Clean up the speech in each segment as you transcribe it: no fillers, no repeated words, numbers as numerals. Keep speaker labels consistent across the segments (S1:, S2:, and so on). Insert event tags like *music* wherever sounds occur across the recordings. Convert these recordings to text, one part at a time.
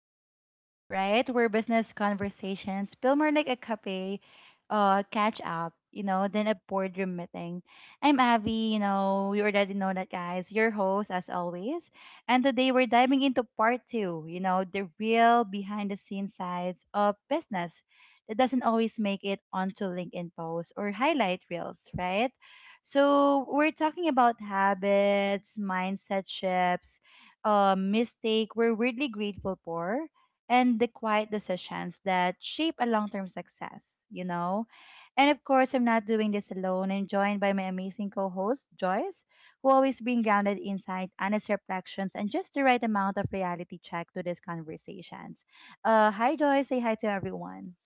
S1: Part 2, right? Where business conversations feel more like a cafe catch up, you know, than a boardroom meeting. I'm Avi, you know, you already know that, guys, your host as always. And today we're diving into Part 2, you know, the real behind the scenes sides of business that doesn't always make it onto LinkedIn posts or highlight reels, right? So we're talking about habits, mindset shifts, mistake we're weirdly grateful for, and the quiet decisions that shape a long-term success, you know? And of course, I'm not doing this alone. I'm joined by my amazing co-host, Joyce, who always bring grounded insight, honest reflections, and just the right amount of reality check to these conversations. Hi, Joyce. Say hi to everyone.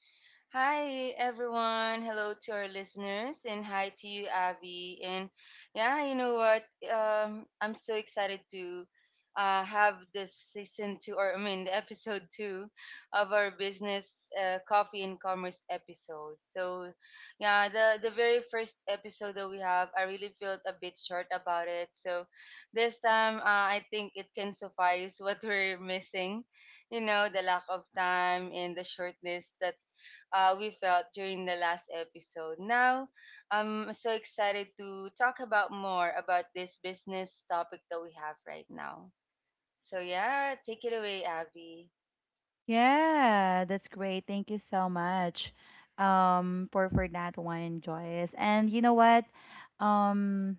S2: Hi, everyone. Hello to our listeners, and hi to you, Abby. And yeah, you know what? I'm so excited to have this season two, or I mean, the episode two of our business coffee and commerce episode. So, yeah, the very first episode that we have, I really felt a bit short about it. So, this time, I think it can suffice *laughs* what we're missing, you know, the lack of time and the shortness that we felt during the last episode. Now, I'm so excited to talk about more about this business topic that we have right now. So, yeah, take it away, Abby.
S1: Yeah, that's great. Thank you so much for that one, Joyce. And you know what? Um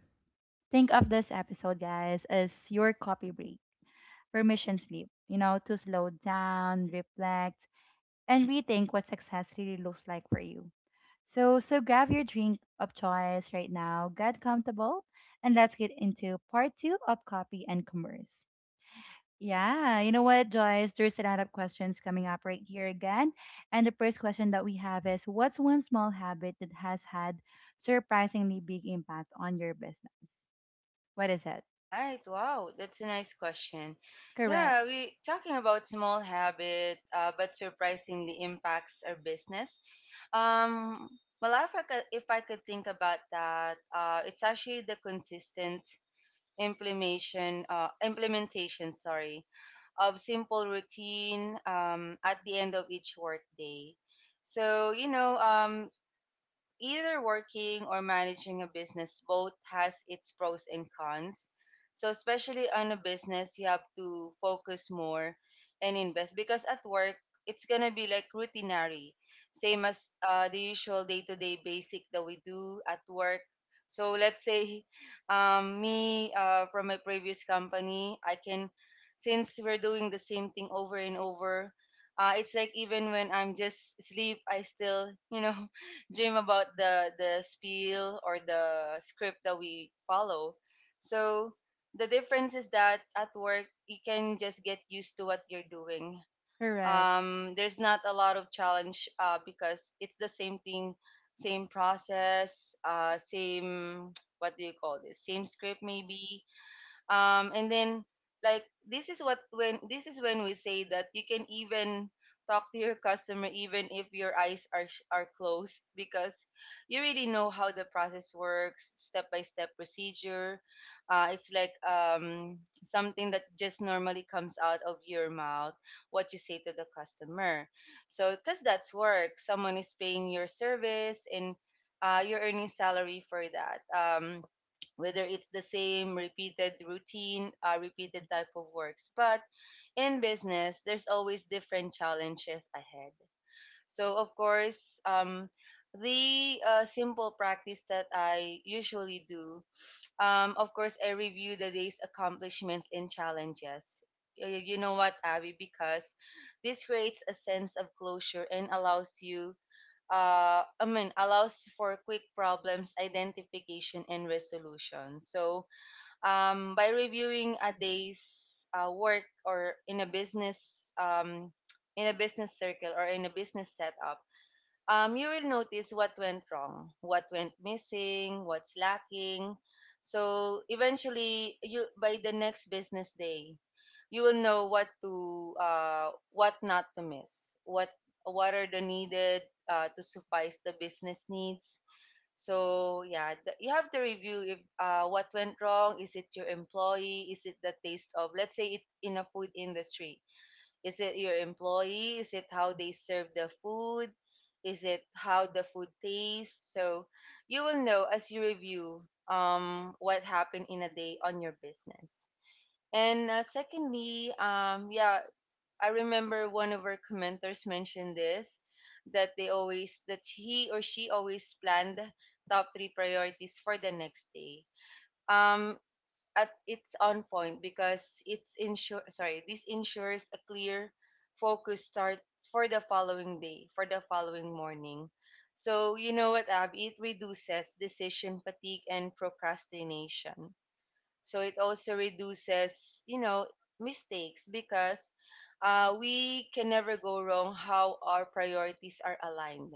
S1: think of this episode, guys, as your copy break, permission sleep, you know, to slow down, reflect, and rethink what success really looks like for you. So grab your drink of choice right now, get comfortable, and let's get into part two of copy and commerce. Yeah, you know what, Joyce? There's a lot of questions coming up right here again. And the first question that we have is, what's one small habit that has had surprisingly big impact on your business? What is it?
S2: Right. Wow, that's a nice question.
S1: Correct,
S2: Yeah, we talking about small habit, but surprisingly impacts our business. Um, well, if I could, think about that, it's actually the consistent implementation, sorry, of simple routine at the end of each workday. So, you know, either working or managing a business both has its pros and cons. So especially on a business, you have to focus more and invest because at work it's gonna be like routinary, same as the usual day-to-day basic that we do at work. So let's say me from my previous company, I can, since we're doing the same thing over and over, it's like even when I'm just asleep, I still, you know, dream about the spiel or the script that we follow. So the difference is that at work you can just get used to what you're doing.
S1: correct,
S2: There's not a lot of challenge, because it's the same thing, same process, same *tsk* what do you call this, same script maybe. And then, this is when we say that you can even talk to your customer even if your eyes are closed, because you really know how the process works, step by step procedure. It's like something that just normally comes out of your mouth, what you say to the customer. So because that's work, someone is paying your service and you're earning salary for that, whether it's the same repeated routine, repeated type of works. But in business, there's always different challenges ahead. So, of course, the simple practice that I usually do, of course, I review the day's accomplishments and challenges. You know what, Abby? Because this creates a sense of closure and allows you, allows for quick problems identification and resolution. So, by reviewing a day's work or in a business, in a business circle or in a business setup, you will notice what went wrong, what went missing, what's lacking. So eventually, you, by the next business day, you will know what to, what not to miss, what are the needed, to suffice the business needs. So yeah, you have to review if, what went wrong. Is it your employee? Is it the taste of? Let's say it's in a food industry. Is it your employee? Is it how they serve the food? Is it how the food tastes? So you will know as you review, what happened in a day on your business. And secondly, yeah, I remember one of our commenters mentioned this, that they always, that he or she always planned top three priorities for the next day. Um, at, it's on point because it's ensure sorry, this ensures a clear focus start for the following day, for the following morning. So you know what, Ab, it reduces decision fatigue and procrastination. So it also reduces, you know, mistakes because we can never go wrong how our priorities are aligned.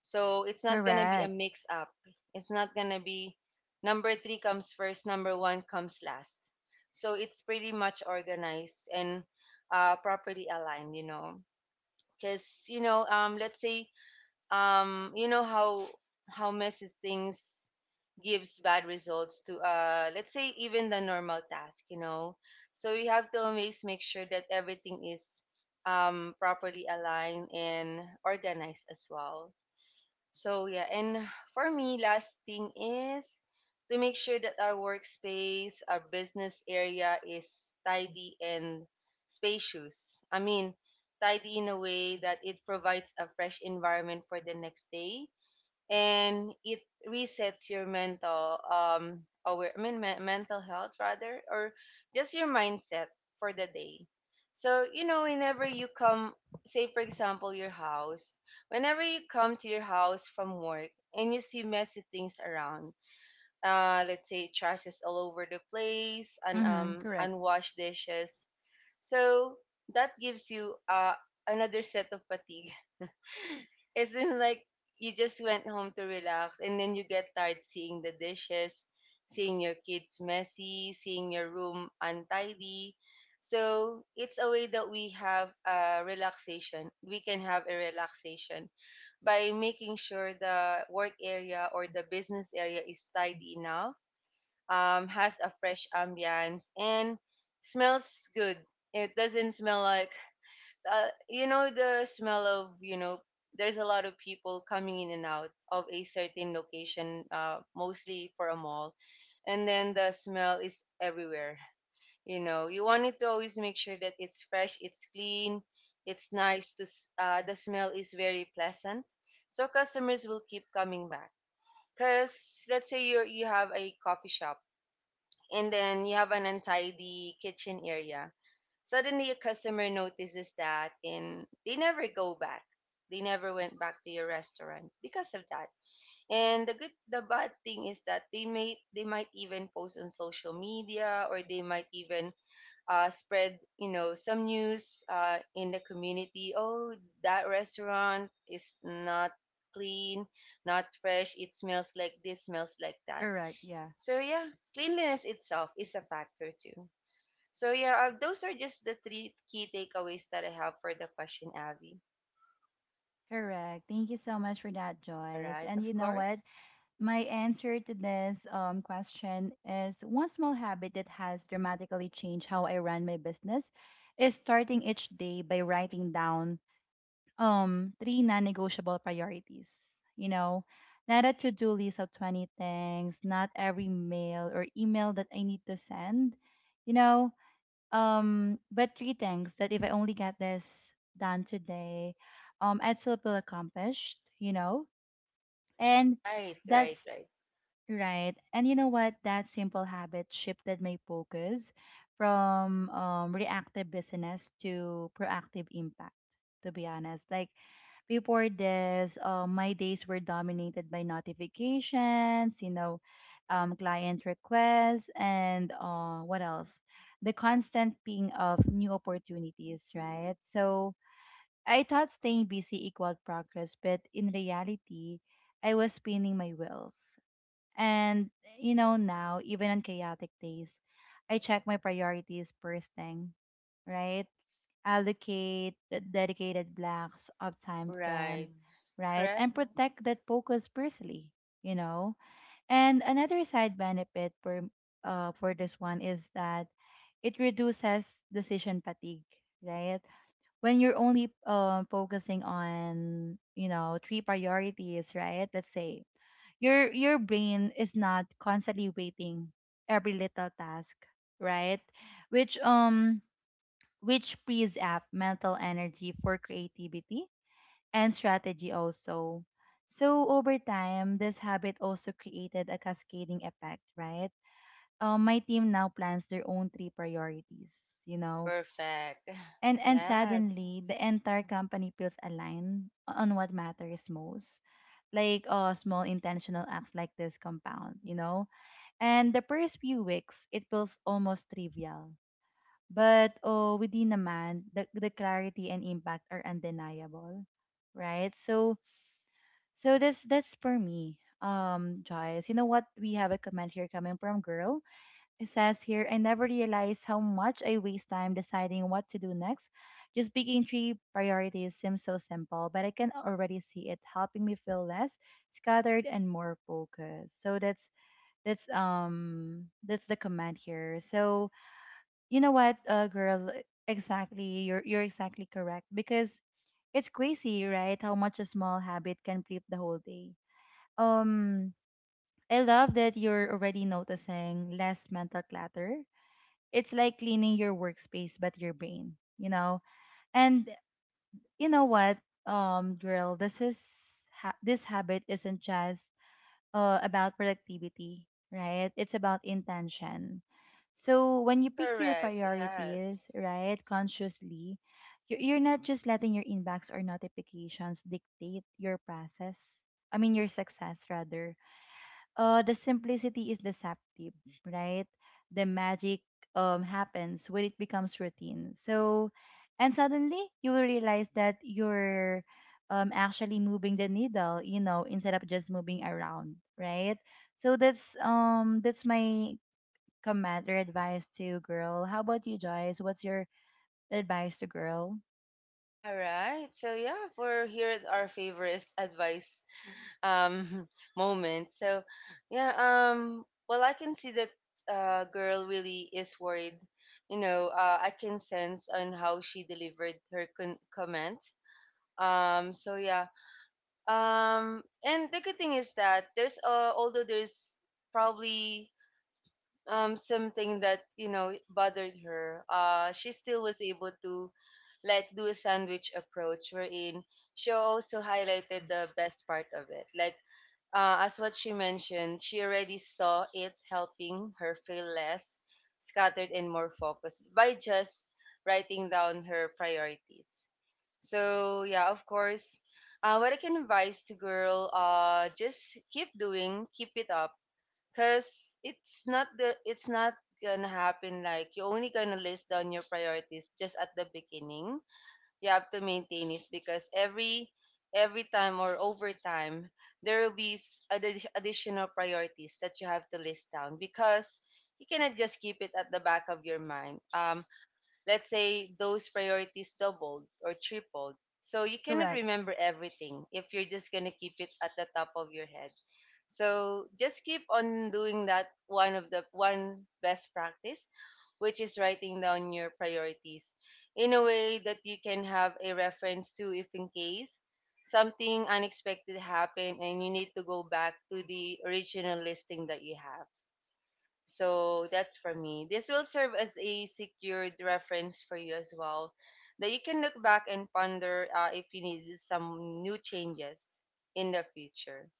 S2: So it's not gonna be a
S1: correct.
S2: mix up. It's not gonna be number three comes first, number one comes last. So it's pretty much organized and properly aligned, you know. Because you know, let's say, um, you know how messy things gives bad results to, uh, let's say even the normal task, you know. So you have to always make sure that everything is, um, properly aligned and organized as well. So yeah, and for me, last thing is to make sure that our workspace, our business area is tidy and spacious. I mean, tidy in a way that it provides a fresh environment for the next day, and it resets your mental aware I mean me- mental health, rather, or just your mindset for the day. So you know whenever you come, say for example your house, whenever you come to your house from work and you see messy things around, uh, let's say trash is all over the place and,
S1: Mm-hmm.
S2: um, unwashed dishes. So that gives you, uh, another set of fatigue. *laughs* It's in like you just went home to relax and then you get tired seeing the dishes, seeing your kids messy, seeing your room untidy. So it's a way that we have a relaxation. We can have a relaxation by making sure the work area or the business area is tidy enough, has a fresh ambience, and smells good. It doesn't smell like, you know, the smell of, you know, there's a lot of people coming in and out of a certain location, mostly for a mall, and then the smell is everywhere. You know, you wanted to always make sure that it's fresh, it's clean, it's nice to the smell is very pleasant, so customers will keep coming back. Because let's say you have a coffee shop and then you have an untidy kitchen area. Suddenly, a customer notices that, and they never go back. They never went back to your restaurant because of that. And the good, the bad thing is that they might even post on social media, or they might even, spread, you know, some news in the community. Oh, that restaurant is not clean, not fresh. It smells like this, smells like that.
S1: Correct, yeah,
S2: So yeah, cleanliness itself is a factor too. So yeah, those are just the three key takeaways that I have for the question, Abby.
S1: correct. Thank you so much for that,
S2: All
S1: Joyce.
S2: right,
S1: And
S2: of
S1: you know what?
S2: course.
S1: My answer to this question is, one small habit that has dramatically changed how I run my business is starting each day by writing down three non-negotiable priorities, you know, not a to-do list of 20 things, not every mail or email that I need to send, you know but three things that if I only get this done today, I'd still feel accomplished, you know. And
S2: Right, right,
S1: that's
S2: right,
S1: right. And you know what, that simple habit shifted my focus from reactive business to proactive impact, to be honest. Like before this, my days were dominated by notifications, you know, client requests, and what else? The constant ping of new opportunities, right? So I thought staying busy equaled progress, but in reality, I was spinning my wheels. And, you know, now, even on chaotic days, I check my priorities first thing, right? Allocate the dedicated blocks of time to
S2: right.
S1: them, right?
S2: Correct.
S1: And protect that focus personally, you know. And another side benefit for this one is that it reduces decision fatigue, right? When you're only focusing on, you know, three priorities, right? Let's say your brain is not constantly waiting every little task, right? Which um which frees up mental energy for creativity and strategy also. So over time, this habit also created a cascading effect, right? My team now plans their own three priorities, you know,
S2: Perfect. *laughs*
S1: and
S2: *sighs* Yes.
S1: suddenly the entire company feels aligned on what matters most. Like small intentional acts like this compound, you know, and the first few weeks it feels almost trivial, but oh, within a man, the, clarity and impact are undeniable, right? So that's for me, Joyce. You know what? We have a comment here coming from girl. It says here, I never realized how much I waste time deciding what to do next. Just picking three priorities seems so simple, but I can already see it helping me feel less scattered and more focused. So that's that's the comment here. So you know what, girl? Exactly. You're exactly correct, because it's crazy, right? How much a small habit can flip the whole day. Um, I love that you're already noticing less mental clutter. It's like cleaning your workspace but your brain, you know. And you know what, girl? This habit isn't just about productivity, right? It's about intention. So when you pick your
S2: Correct.
S1: priorities,
S2: Yes.
S1: right, consciously, you're not just letting your inbox or notifications dictate your process. I mean, your success rather. The simplicity is deceptive, right? The magic happens when it becomes routine. So, and suddenly you will realize that you're actually moving the needle, you know, instead of just moving around, right? So that's my comment or advice to girl. How about you, Joyce? What's your advice to girl?
S2: All right. So yeah, we're here at our favorite advice, um, *laughs* moment. So yeah, um, well, I can see that, uh, girl really is worried. You know, I can sense on how she delivered her comment. So yeah. And the good thing is that there's although there's probably, um, something that, you know, bothered her. She still was able to like do a sandwich approach wherein she also highlighted the best part of it. Like, as what she mentioned, she already saw it helping her feel less scattered and more focused by just writing down her priorities. So yeah, of course. What I can advise to girl, just keep doing, keep it up, cause it's not gonna happen. Like you only gonna list down your priorities just at the beginning. You have to maintain it because every time or over time there will be additional priorities that you have to list down because you cannot just keep it at the back of your mind. Let's say those priorities doubled or tripled. So you cannot
S1: Correct.
S2: remember everything if you're just going to keep it at the top of your head. So just keep on doing that, one of the one best practice, which is writing down your priorities in a way that you can have a reference to if in case something unexpected happened and you need to go back to the original listing that you have. So that's for me. This will serve as a secured reference for you as well, that you can look back and ponder, if you need some new changes in the future.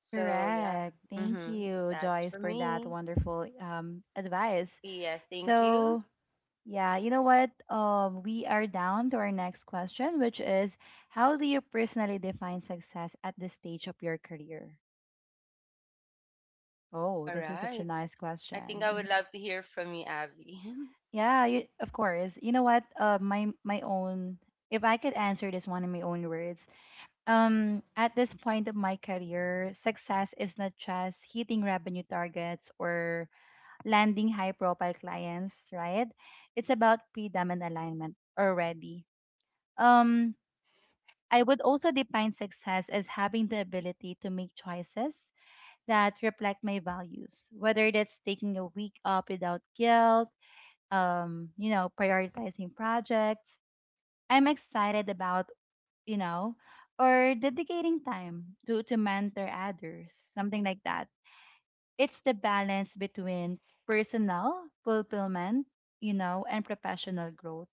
S2: So, yeah,
S1: Correct. Thank
S2: hmm,
S1: you,
S2: that's
S1: Joyce,
S2: for
S1: for that
S2: me.
S1: wonderful advice.
S2: Yes, thank you.
S1: So yeah, you know what? We are down to our next question, which is, how do you personally define success at this stage of your career? Oh,
S2: All
S1: this is such a
S2: right.
S1: nice
S2: I think
S1: question.
S2: I would
S1: Hmm.
S2: love to hear from you, Abby. *laughs*
S1: Yeah, you, of course. You know what? My own. If I could answer this one in my own words, at this point of my career, success is not just hitting revenue targets or landing high-profile clients, right? It's about freedom and alignment already. Um, I would also define success as having the ability to make choices that reflect my values, whether that's taking a week off without guilt, you know, prioritizing projects I'm excited about, you know, or dedicating time to, mentor others, something like that. It's the balance between personal fulfillment, you know, and professional growth.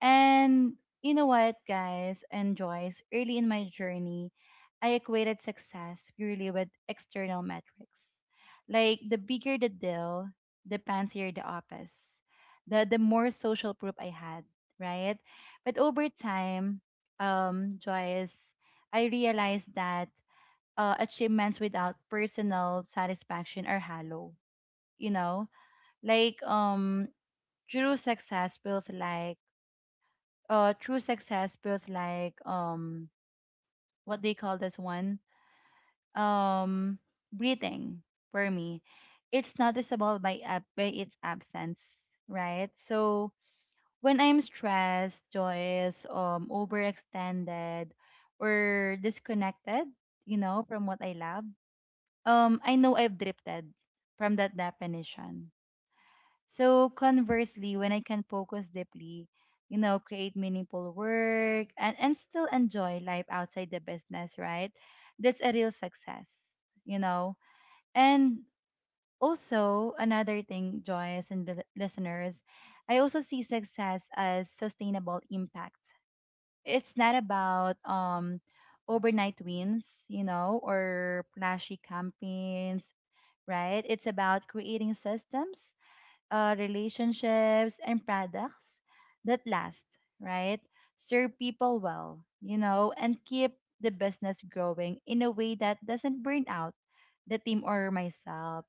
S1: And you know what, guys and Joyce, early in my journey, I equated success purely with external metrics. Like the bigger the deal, the fancier the office, the more social proof I had, right? But over time, Joyce, I realized that achievements without personal satisfaction are hollow. You know, like true success feels like uh true success feels like um what they call this one, um breathing. For me, it's noticeable by by its absence, right? So when I'm stressed, Joyous, overextended or disconnected, you know, from what I love, I know I've drifted from that definition. So conversely, when I can focus deeply, you know, create meaningful work and, still enjoy life outside the business, right? That's a real success, you know. And also another thing, Joyce and the listeners, I also see success as sustainable impact. It's not about overnight wins, you know, or flashy campaigns, right? It's about creating systems, relationships and products that last, right? Serve people well, you know, and keep the business growing in a way that doesn't burn out the team or myself.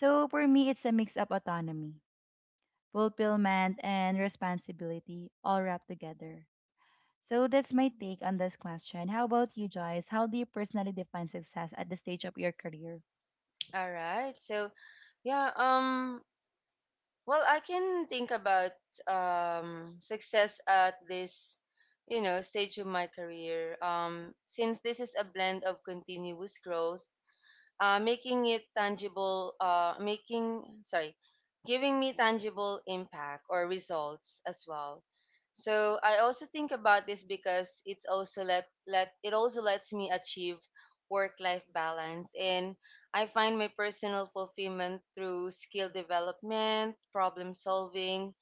S1: So for me, it's a mix of autonomy, fulfillment, and responsibility all wrapped together. So that's my take on this question. How about you, Joyce? How do you personally define success at the stage of your career?
S2: All right. So, yeah, well, I can think about, success at this, you know, stage of my career. Since this is a blend of continuous growth, uh, making, sorry, giving me tangible impact or results as well. So I also think about this because it's also let it also lets me achieve work-life balance, and I find my personal fulfillment through skill development, problem solving,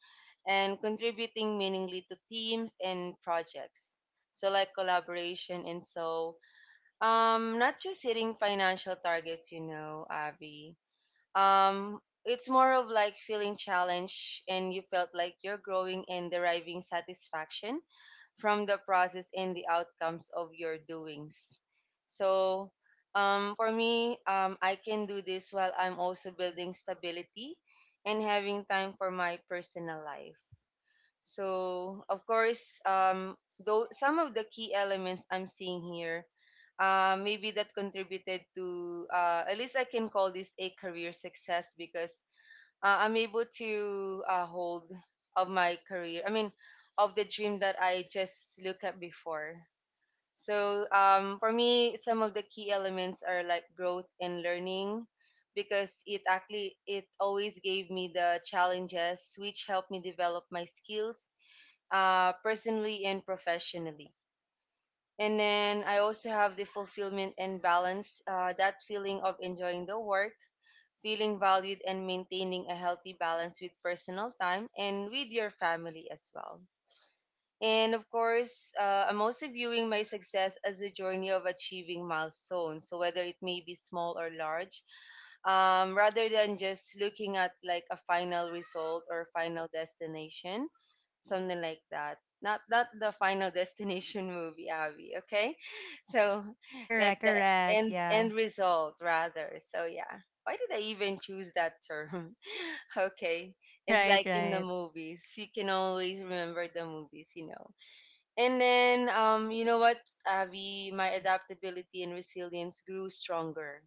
S2: and contributing meaningfully to teams and projects. So like collaboration and so, not just hitting financial targets, you know, Avi. It's more of like feeling challenged and you felt like you're growing and deriving satisfaction from the process and the outcomes of your doings. So, for me, I can do this while I'm also building stability and having time for my personal life. So, of course, though some of the key elements I'm seeing here, maybe that contributed to at least I can call this a career success because I'm able to hold of my career. I mean, of the dream that I just looked at before. So, for me, some of the key elements are like growth and learning because it always gave me the challenges which helped me develop my skills personally and professionally. And then I also have the fulfillment and balance, that feeling of enjoying the work, feeling valued, and maintaining a healthy balance with personal time and with your family as well. And of course, I'm also viewing my success as a journey of achieving milestones. So, whether it may be small or large, rather than just looking at like a final result or final destination, something like that. Not the final *laughs* destination movie, Abby. Okay, so like
S1: Correct,
S2: the
S1: correct.
S2: end
S1: Yeah.
S2: end result rather. So yeah, why did I even choose that term? *laughs* Okay,
S1: *laughs*
S2: it's
S1: Right,
S2: like in the
S1: right.
S2: movies, you can always remember the movies, you know. And then you know what, Abby, my adaptability and resilience grew stronger.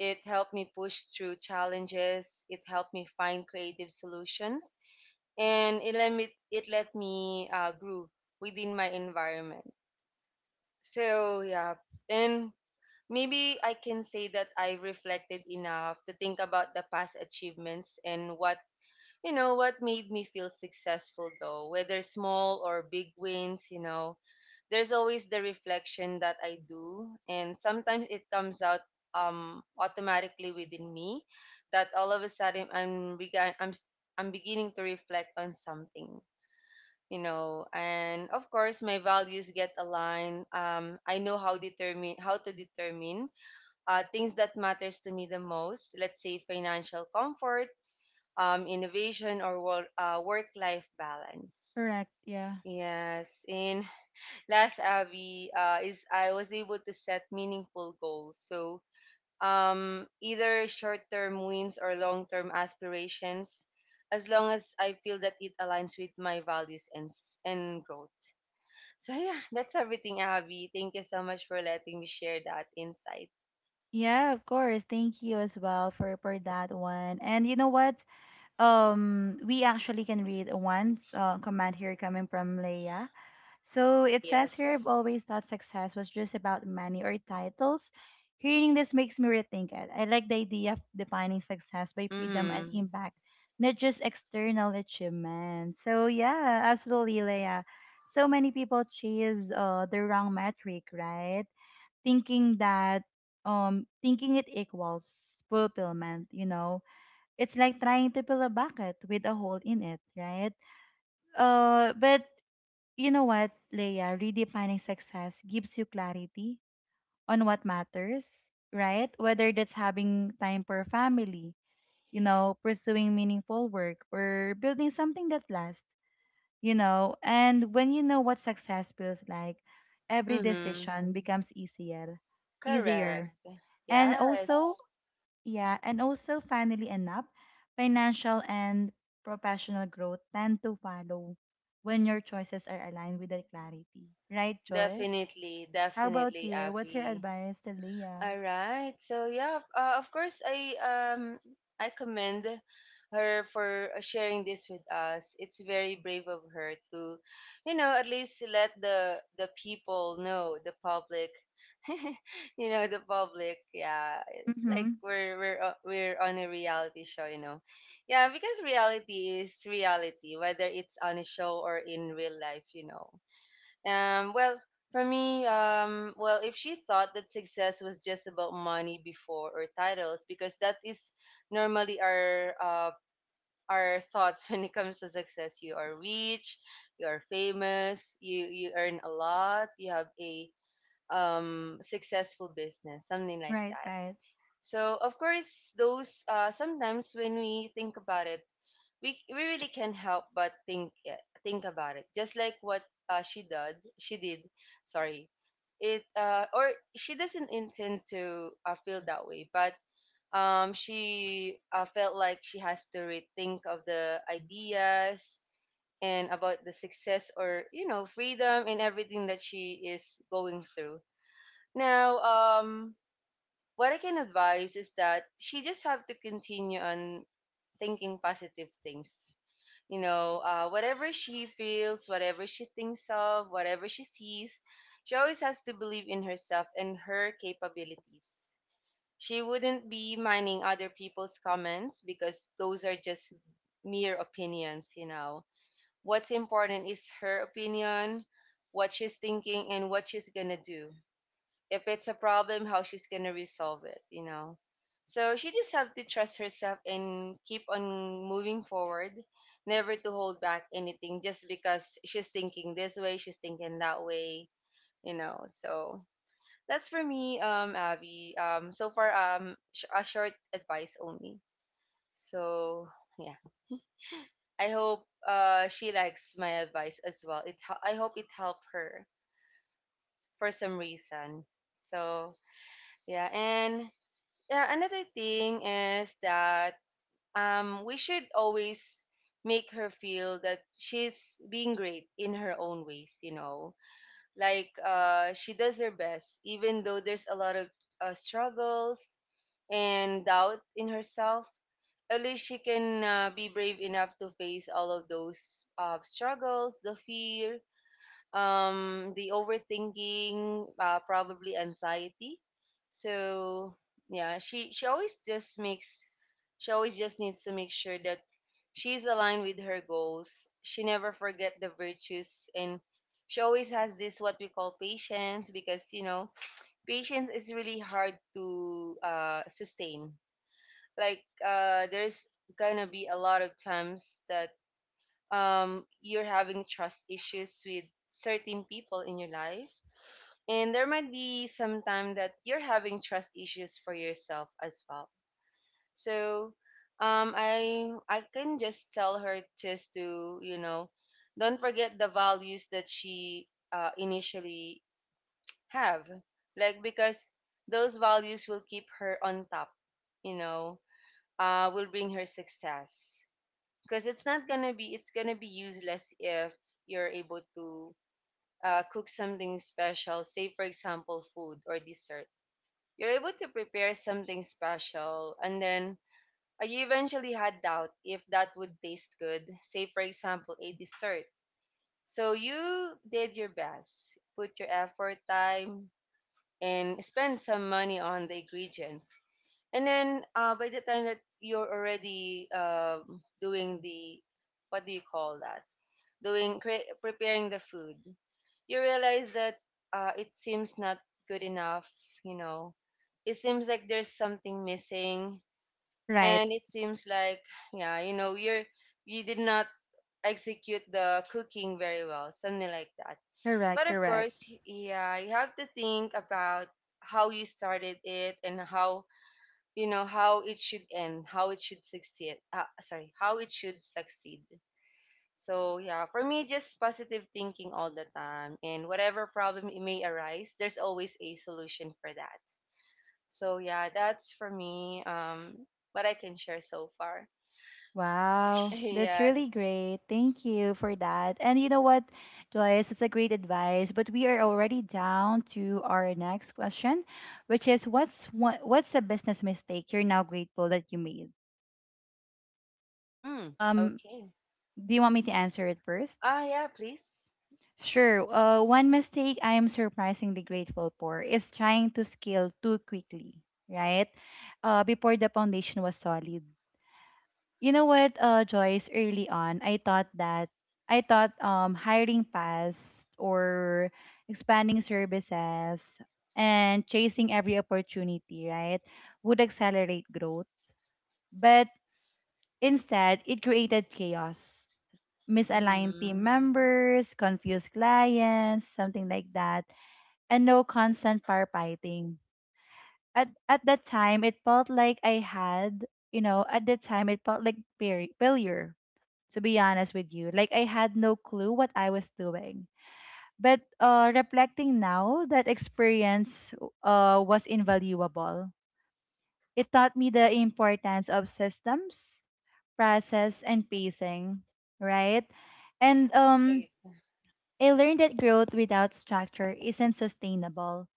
S2: It helped me push through challenges. It helped me find creative solutions, and it let me grow within my environment. So yeah, and maybe I can say that I reflected enough to think about the past achievements and what you know what made me feel successful, though whether small or big wins, you know, there's always the reflection that I do, and sometimes it comes out automatically within me, that all of a sudden I'm began I'm s- I'm beginning to reflect on something, you know. And of course my values get aligned. I know how to determine things that matters to me the most. Let's say financial comfort, innovation or work, work-life balance.
S1: Correct. Yeah.
S2: Yes, and last, Abby, is I was able to set meaningful goals. So either short-term wins or long-term aspirations, as long as I feel that it aligns with my values and and growth. So yeah, that's everything, Abby. Thank you so much for letting me share that insight.
S1: Yeah, of course. Thank you as well for that one. And you know what? We actually can read one comment here coming from Leia. So it says here, I've
S2: Yes.
S1: always thought success was just about money or titles. Hearing this makes me rethink it. I like the idea of defining success by freedom and
S2: Mm-hmm.
S1: impact, not just external achievement. So yeah, absolutely, Leia. So many people chase the wrong metric, right? Thinking that thinking it equals fulfillment, you know. It's like trying to fill a bucket with a hole in it, right? But you know what, Leia, redefining success gives you clarity on what matters, right? Whether that's having time for family, you know, pursuing meaningful work or building something that lasts, you know. And when you know what success feels like, every
S2: Mm-hmm.
S1: decision becomes easier,
S2: Correct.
S1: easier and also,
S2: Yes.
S1: yeah, and also finally enough, financial and professional growth tend to follow when your choices are aligned with that clarity. Right, Joyce?
S2: Definitely,
S1: How about
S2: definitely,
S1: you? What's your
S2: Avi.
S1: advice to Leah?
S2: All right. So yeah, of course, um I commend her for sharing this with us. It's very brave of her to, you know, at least let the people know, the public, *laughs* you know, the public. Yeah, it's like
S1: Mm-hmm.
S2: we're on a reality show, you know. Yeah, because reality is reality, whether it's on a show or in real life, you know. Well, for me, well, if she thought that success was just about money before or titles, because that is normally our thoughts *laughs* when it comes to success. You are rich, you are famous, you earn a lot, you have a successful business, something like
S1: Right,
S2: that.
S1: right.
S2: So of course, those sometimes when we think about it, we really can't help but think about it. Just like what she did. Sorry, it or she doesn't intend to feel that way, but she felt like she has to rethink of the ideas and about the success or, you know, freedom and everything that she is going through. Now, what I can advise is that she just have to continue on thinking positive things. You know, whatever she feels, whatever she thinks of, whatever she sees, she always has to believe in herself and her capabilities. She wouldn't be minding other people's comments because those are just mere opinions, you know. What's important is her opinion, what she's thinking, and what she's gonna do if it's a problem, how she's gonna resolve it, you know. So she just have to trust herself and keep on moving forward, never to hold back anything just because she's thinking this way, she's thinking that way, you know. So that's for me, Abby. So far, a short advice only. So yeah, I hope she likes my advice as well. I hope it helped her for some reason. So yeah, and yeah, another thing is that we should always make her feel that she's being great in her own ways, you know. Like she does her best, even though there's a lot of struggles and doubt in herself. At least she can be brave enough to face all of those struggles, the fear, the overthinking, probably anxiety. So yeah, she always just needs to make sure that she's aligned with her goals, she never forget the virtues, and she always has this what we call patience. Because, you know, patience is really hard to sustain. Like, there's gonna be a lot of times that you're having trust issues with certain people in your life. And there might be some time that you're having trust issues for yourself as well. So I can just tell her just to, you know, don't forget the values that she initially have, like, because those values will keep her on top, you know, will bring her success. Because it's gonna be useless if you're able to cook something special, say for example food or dessert. You're able to prepare something special, and then you eventually had doubt if that would taste good, say for example a dessert. So you did your best, put your effort, time, and spend some money on the ingredients. And then by the time that you're already doing the, what do you call that, preparing the food, you realize that it seems not good enough, you know. It seems like there's something missing,
S1: Right.
S2: and it seems like, yeah, you know, you're, you did not execute the cooking very well, something like that.
S1: Correct,
S2: But of
S1: correct.
S2: course, yeah, you have to think about how you started it and how, you know, how it should end, how it should succeed, sorry how it should succeed. So yeah, for me, just positive thinking all the time, and whatever problem it may arise, there's always a solution for that. So yeah, that's for me. What I can share so far. *laughs*
S1: Wow, that's
S2: Yes.
S1: really great. Thank you for that. And you know what, Joyce, it's a great advice, but we are already down to our next question, which is, what's a business mistake you're now grateful that you made?
S2: Hmm.
S1: Um,
S2: Okay.
S1: do you want me to answer it first?
S2: Ah, yeah. Please.
S1: Sure. One mistake I am surprisingly grateful for is trying to scale too quickly, right? Before the foundation was solid. You know what, Joyce, early on, I thought hiring fast or expanding services and chasing every opportunity, right, would accelerate growth. But instead, it created chaos, misaligned team
S2: Mm-hmm.
S1: members, confused clients, something like that, and no constant firefighting. At that time, it felt like I had, you know, at that time it felt like failure, to be honest with you. Like I had no clue what I was doing. But reflecting now, that experience was invaluable. It taught me the importance of systems, process, and pacing, right? And
S2: Right.
S1: I learned that growth without structure isn't sustainable.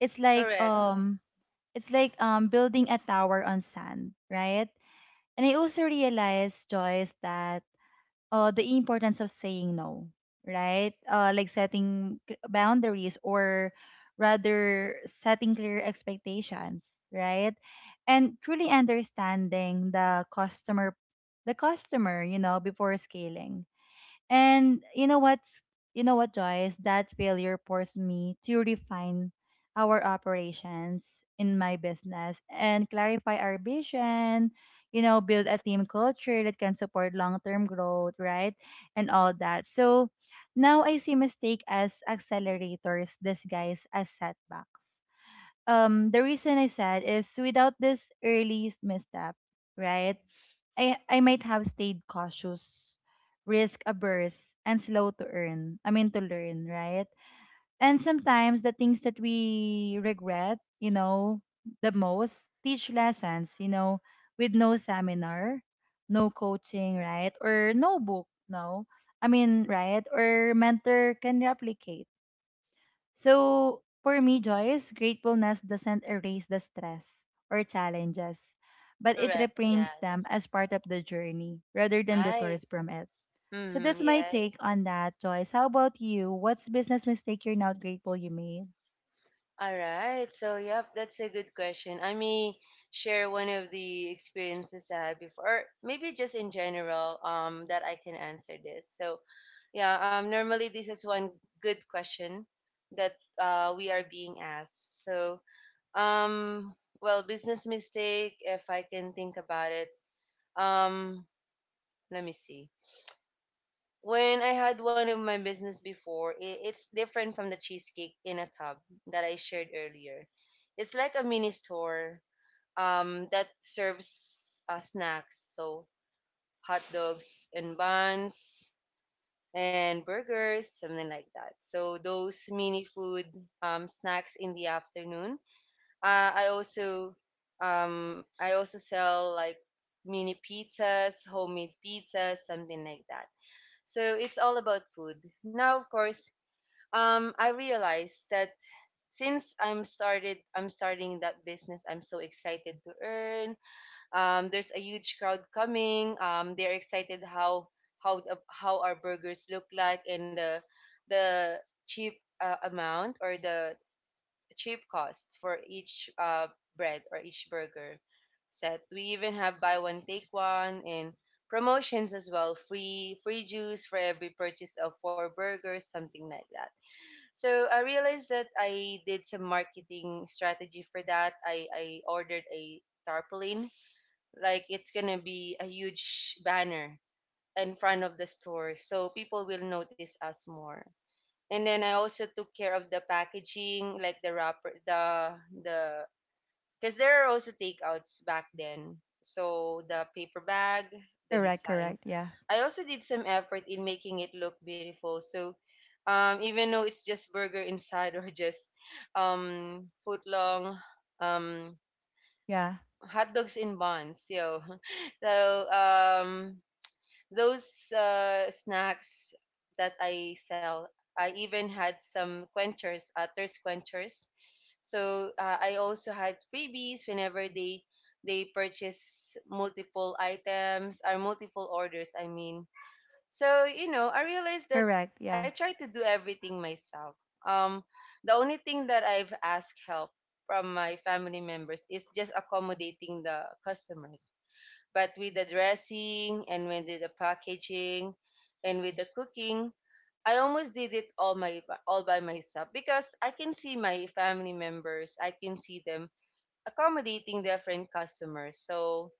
S1: It's like
S2: Correct.
S1: building a tower on sand, right? And I also realized, Joyce, that the importance of saying no, right? Like setting boundaries, or rather setting clear expectations, right? And truly understanding the customer, before scaling. And you know what's You know what, Joyce? That failure forced me to refine our operations in my business and clarify our vision, you know, build a team culture that can support long-term growth, right? And all that. So now I see mistake as accelerators disguised as setbacks. The reason I said is without this early misstep, right? I might have stayed cautious, risk averse, and slow to earn. I mean to learn, right? And sometimes the things that we regret, you know, the most teach lessons, you know, with no seminar, no coaching, right? Or no book, no. I mean, right? Or mentor can replicate. So for me, Joyce, gratefulness doesn't erase the stress or challenges, but it
S2: Correct.
S1: reframes them
S2: Yes.
S1: as part of the journey rather than
S2: Right.
S1: detours from it. So that's
S2: Mm-hmm.
S1: my take
S2: Yes.
S1: on that, Joyce. How about you? What's business mistake you're not grateful you made?
S2: All right. So, yep, that's a good question. I may share one of the experiences I had before, or maybe just in general, that I can answer this. So, yeah, normally this is one good question that we are being asked. So, um, well, business mistake, if I can think about it. Um, Let me see. When I had one of my business before, it's different from the cheesecake in a tub that I shared earlier. It's like a mini store that serves snacks, so hot dogs and buns and burgers, something like that. So those mini food snacks in the afternoon. Uh, I also I also sell like mini pizzas, homemade pizzas, something like that. So it's all about food. Now, of course, I realized that I'm starting that business. I'm so excited to earn. There's a huge crowd coming. They're excited how how our burgers look like, and the cheap amount, or the cheap cost for each bread or each burger set. We even have buy one take one, and promotions as well, free juice for every purchase of four burgers, something like that. So I realized that I did some marketing strategy for that. I ordered a tarpaulin, like it's gonna be a huge banner in front of the store, so people will notice us more. And then I also took care of the packaging, like the wrapper, the because there are also takeouts back then. So the paper bag, the
S1: Correct,
S2: design.
S1: correct, yeah.
S2: I also did some effort in making it look beautiful. So even though it's just burger inside, or *laughs* just foot long um,
S1: Yeah.
S2: hot dogs in buns, yo. *laughs* So um, those snacks that I sell, I even had some quenchers, thirst quenchers. So I also had freebies whenever they purchase multiple items or multiple orders. I mean, so you know, I realized that
S1: Correct,
S2: I
S1: yeah.
S2: try to do everything myself. Um, the only thing that I've asked help from my family members is just accommodating the customers. But with the dressing and with the packaging and with the cooking, I almost did it all my all by myself because I can see my family members, I can see them accommodating different customers. So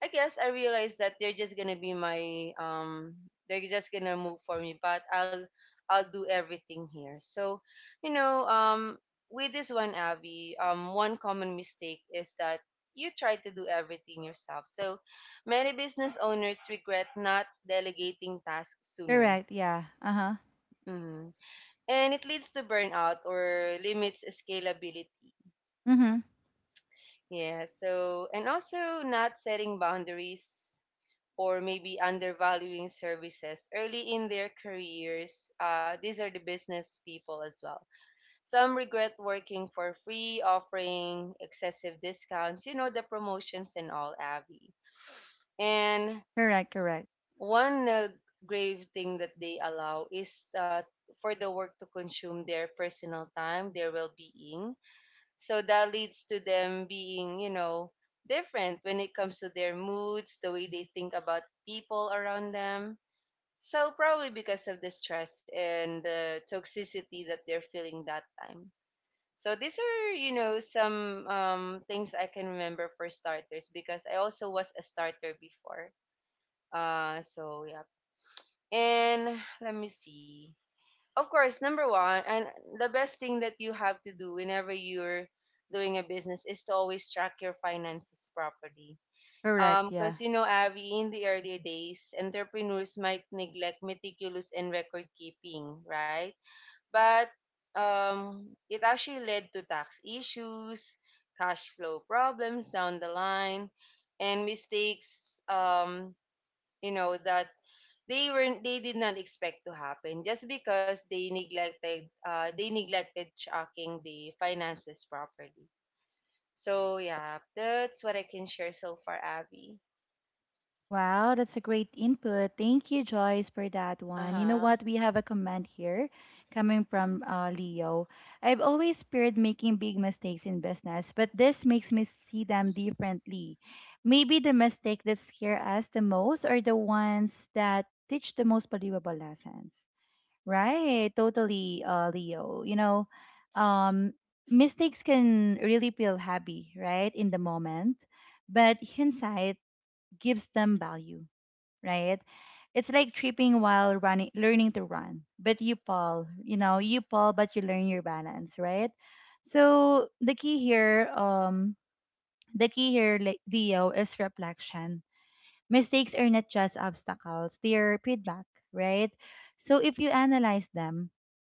S2: I guess I realized that they're just gonna be my they're just gonna move for me, but I'll do everything here. So, you know, um with this one, Abby, one common mistake is that you try to do everything yourself. So many business owners regret not delegating tasks sooner.
S1: Correct, yeah. Uh-huh.
S2: hmm And it leads to burnout or limits scalability.
S1: Mm-hmm.
S2: Yeah, so and also not setting boundaries or maybe undervaluing services early in their careers. These are the business people as well. Some regret working for free, offering excessive discounts, you know, the promotions and all, Abby. And
S1: Correct, correct.
S2: one grave thing that they allow is for the work to consume their personal time, their well being. So that leads to them being, you know, different when it comes to their moods, the way they think about people around them, so probably because of the stress and the toxicity that they're feeling that time. So these are, you know, some things I can remember for starters because I also was a starter before. So yeah. And let me see. Of course, number one, and the best thing that you have to do whenever you're doing a business is to always track your finances properly
S1: Correct, yeah.
S2: because, you know, Abby, in the early days, entrepreneurs might neglect meticulous and record keeping, right? But it actually led to tax issues, cash flow problems down the line, and mistakes, that they did not expect to happen just because they neglected tracking the finances properly. So yeah, that's what I can share so far, Abby.
S1: Wow, that's a great input. Thank you, Joyce, for that one. You know
S2: Uh-huh.
S1: what? We have a comment here coming from Leo. I've always feared making big mistakes in business, but this makes me see them differently. Maybe the mistake that scare us the most are the ones that teach the most valuable lessons. Right? Totally, Leo. You know, um, mistakes can really feel heavy, right, in the moment, but hindsight gives them value, right? It's like tripping while running, learning to run, but you fall, you know, you fall, but you learn your balance, right? So the key here, like Dio, is reflection. Mistakes are not just obstacles, they are feedback, right? So if you analyze them,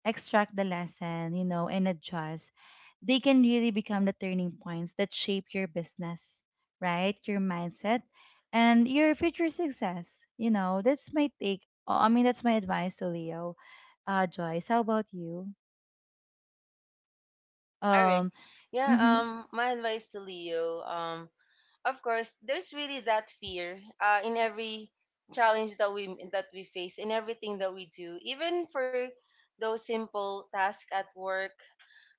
S1: extract the lesson, you know, and adjust, they can really become the turning points that shape your business, right? Your mindset and your future success. You know, that's my take. I mean, that's my advice to Leo. Joyce, how about you?
S2: All right.
S1: Um,
S2: Yeah,
S1: mm-hmm.
S2: my advice to Leo, of course there's really that fear in every challenge that we face in everything that we do, even for those simple tasks at work.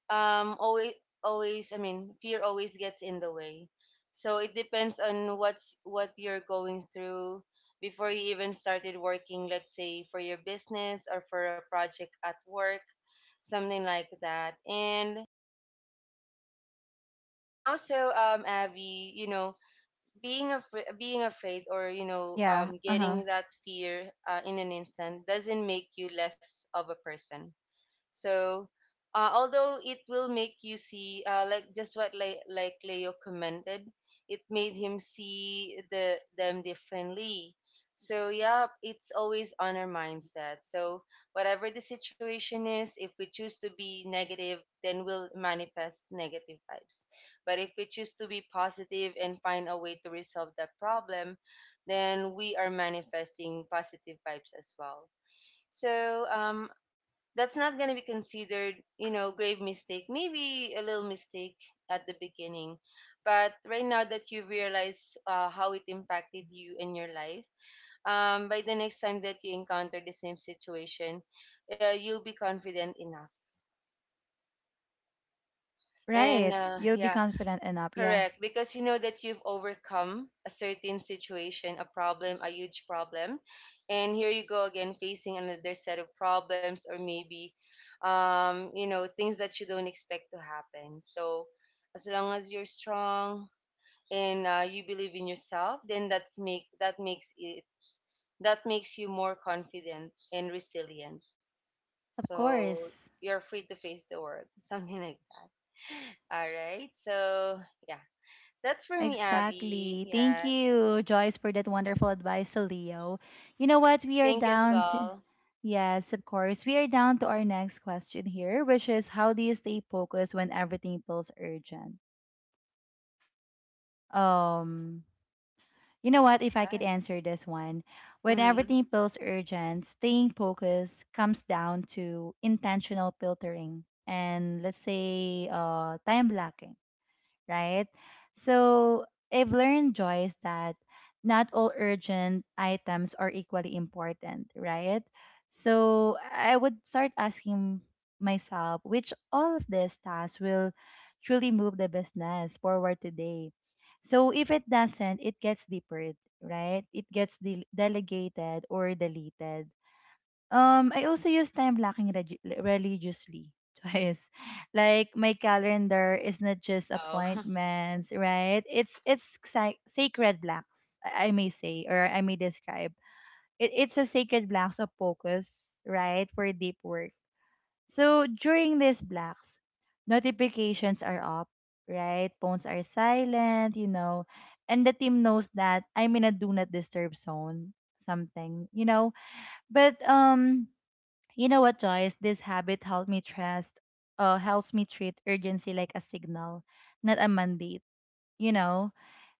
S2: Always always I mean Fear always gets in the way. So it depends on what you're going through before you even started working, let's say for your business or for a project at work, something like that. And also Abby, you know, being afraid, or you know,
S1: Yeah, uh-huh.
S2: getting that fear in an instant doesn't make you less of a person. So, although it will make you see, like just like Leo commented, it made him see the them differently. So yeah, it's always on our mindset. So whatever the situation is, if we choose to be negative, then we'll manifest negative vibes. But if we choose to be positive and find a way to resolve that problem, then we are manifesting positive vibes as well. So that's not going to be considered, you know, grave mistake. Maybe a little mistake at the beginning, but right now that you realize how it impacted you in your life, by the next time that you encounter the same situation, you'll be confident enough. And
S1: Right. You'll be
S2: yeah,
S1: confident enough. Yeah,
S2: correct, because you know that you've overcome a certain situation, a problem, a huge problem, and here you go again facing another set of problems or maybe, you know, things that you don't expect to happen. So, as long as you're strong and you believe in yourself, then that makes you more confident and resilient.
S1: of
S2: So
S1: course.
S2: you're free to face the world, *laughs* something like that. All right, so yeah. That's for me, Abby.
S1: Exactly. Thank
S2: Yes.
S1: you, Joyce, for that wonderful advice, so Leo. You know what? We are
S2: Thank you as
S1: down to
S2: well.
S1: yes, of course. We are down to our next question here, which is how do you stay focused when everything feels urgent? Um you know what,
S2: All
S1: if I could
S2: right.
S1: answer this one, when
S2: Mm-hmm.
S1: everything feels urgent, staying focused comes down to intentional filtering and, let's say, time blocking, right? So I've learned, Joyce, that not all urgent items are equally important, right? So I would start asking myself which all of these tasks will truly move the business forward today. So if it doesn't, it gets deferred, right? It gets delegated or deleted. I also use time blocking religiously. *laughs* Twice. Like my calendar is not just
S2: Wow. *laughs*
S1: appointments, right? It's sacred blocks, I may say, or I may describe. It's a sacred blocks of focus, right, for deep work. So during these blocks, notifications are up, right? Phones are silent, you know, and the team knows that I'm in a do not disturb zone, something, you know. But you know what, Joyce? This habit helped me trust, helps me treat urgency like a signal, not a mandate, you know?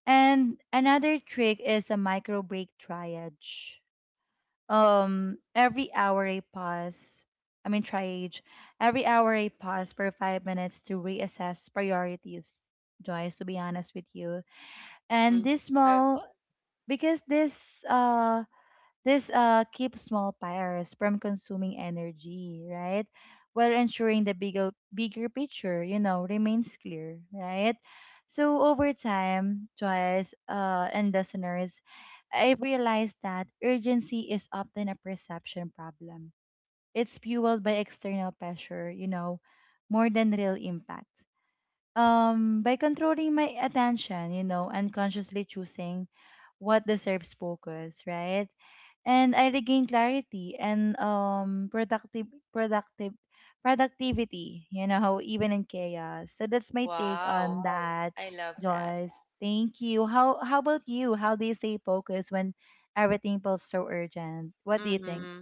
S1: And
S2: Yes.
S1: another trick is a micro break triage. Every hour I pause, I mean, triage, every hour I pause for 5 minutes to reassess priorities, Joyce, to be honest with you. And
S2: Mm-hmm.
S1: this small,
S2: Okay.
S1: because this, keeps small fires from consuming energy, right? While ensuring the bigger picture, you know, remains clear, right? So over time, Joyce, and listeners, I realized that urgency is often a perception problem. It's fueled by external pressure, you know, more than real impact. By controlling my attention, you know, and consciously choosing what deserves focus, right? And I regained clarity and productive productive productivity, you know, even in chaos. So that's my take
S2: Wow.
S1: on Wow. that,
S2: I love that.
S1: Joyce. Thank you. How about you? How do you stay focused when everything feels so urgent? What do you think?
S2: Mm-hmm.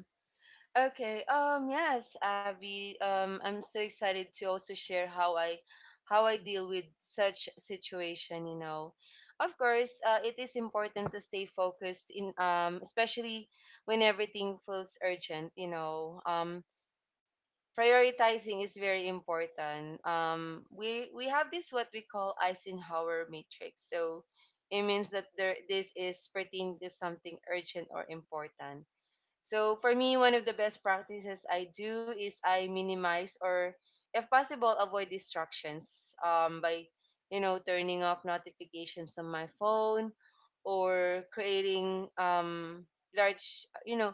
S2: Okay. Yes, Abby. I'm so excited to also share how how I deal with such situation. You know, of course, it is important to stay focused in especially when everything feels urgent. You know, prioritizing is very important. We have this what we call Eisenhower matrix. So it means that there this is pertaining to something urgent or important. So for me, one of the best practices I do is I minimize or, if possible, avoid distractions by, you know, turning off notifications on my phone or creating large, you know,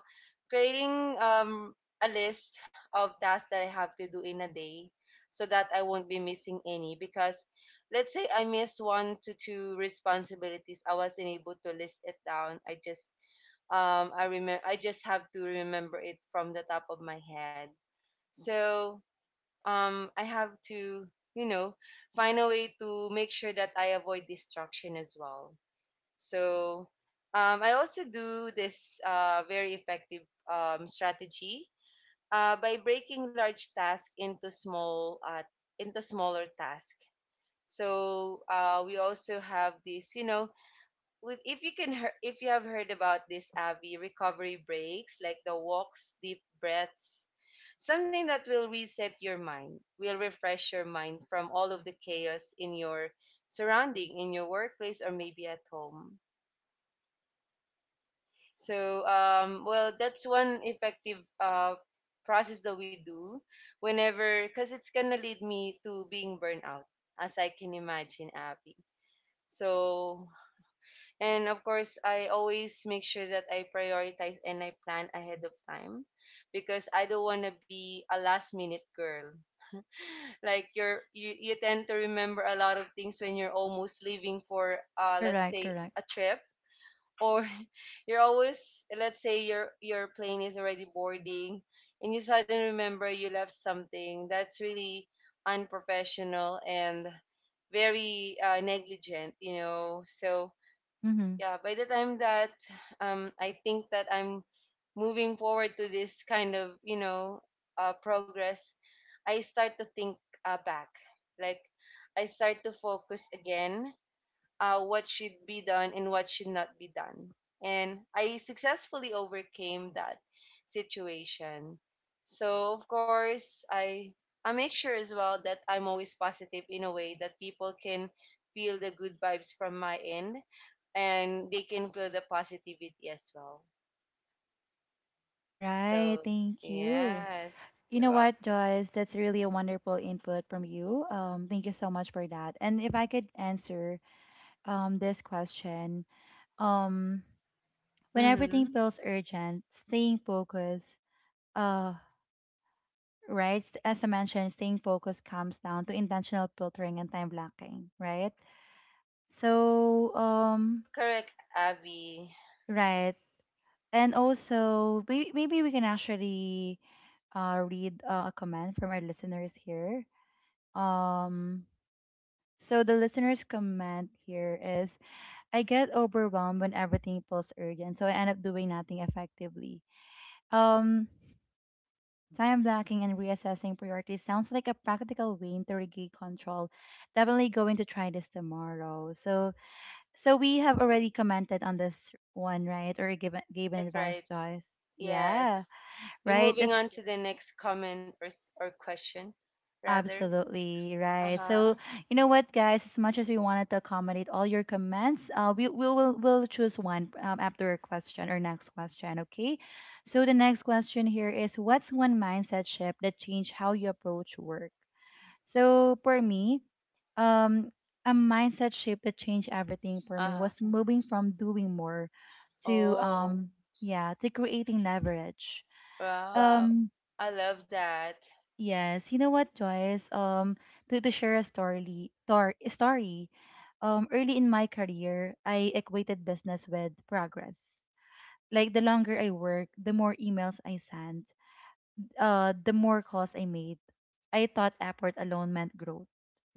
S2: creating um, a list of tasks that I have to do in a day so that I won't be missing any because let's say I miss one to two responsibilities, I wasn't able to list it down. I just I remember, I just have to remember it from the top of my head. So I have to, you know, find a way to make sure that I avoid distraction as well. So I also do this very effective strategy by breaking large tasks into small into smaller tasks. So we also have this, you know, with if you can if you have heard about this, Abby, recovery breaks like the walks, deep breaths, something that will reset your mind, will refresh your mind from all of the chaos in your surrounding, in your workplace or maybe at home. So well, that's one effective process that we do whenever, because it's gonna lead me to being burnt out, as I can imagine, Abby. So and of course, I always make sure that I prioritize and I plan ahead of time because I don't want to be a last minute girl. *laughs* Like you tend to remember a lot of things when you're almost leaving for let's
S1: Correct,
S2: say
S1: correct.
S2: a trip or *laughs* you're always, let's say your plane is already boarding and you suddenly remember you left something that's really unprofessional and very negligent, you know. So
S1: Mm-hmm.
S2: yeah, by the time that I think that I'm moving forward to this kind of, you know, progress, I start to think back, like I start to focus again, what should be done and what should not be done. And I successfully overcame that situation. So of course, I make sure as well that I'm always positive in a way that people can feel the good vibes from my end and they can feel the positivity as well.
S1: Right,
S2: So
S1: thank you.
S2: yes, you're
S1: You know what,
S2: welcome.
S1: Joyce? That's really a wonderful input from you. Thank you so much for that. And if I could answer this question, um, when everything
S2: Hmm.
S1: feels urgent, staying focused, uh, right? As I mentioned, staying focused comes down to intentional filtering and time blocking, right? So,
S2: Correct, Abby.
S1: right. And also, maybe we can actually read a comment from our listeners here. Um, so the listener's comment here is, I get overwhelmed when everything feels urgent, so I end up doing nothing effectively. Um, Time blocking and reassessing priorities sounds like a practical way to regain control. Definitely going to try this tomorrow. So, so we have already commented on this one, right? Or given
S2: Right,
S1: given advice,
S2: right.
S1: Joyce. Yeah,
S2: Yes. We're
S1: right.
S2: moving
S1: That's
S2: on to the next comment, or question, rather.
S1: absolutely
S2: Uh
S1: right. So,
S2: huh.
S1: you know what, guys? As much as we wanted to accommodate all your comments, we'll choose one after a question or next question. Okay. So the next question here is, what's one mindset shift that changed how you approach work? So for me, um, a mindset shift that changed everything for
S2: Uh
S1: me
S2: huh.
S1: was moving from doing more to
S2: Oh,
S1: yeah, to creating leverage.
S2: wow.
S1: Um,
S2: I love that.
S1: yes, you know what, Joyce? To share a story, story. Early in my career, I equated business with progress. Like the longer I worked, the more emails I sent, the more calls I made. I thought effort alone meant growth,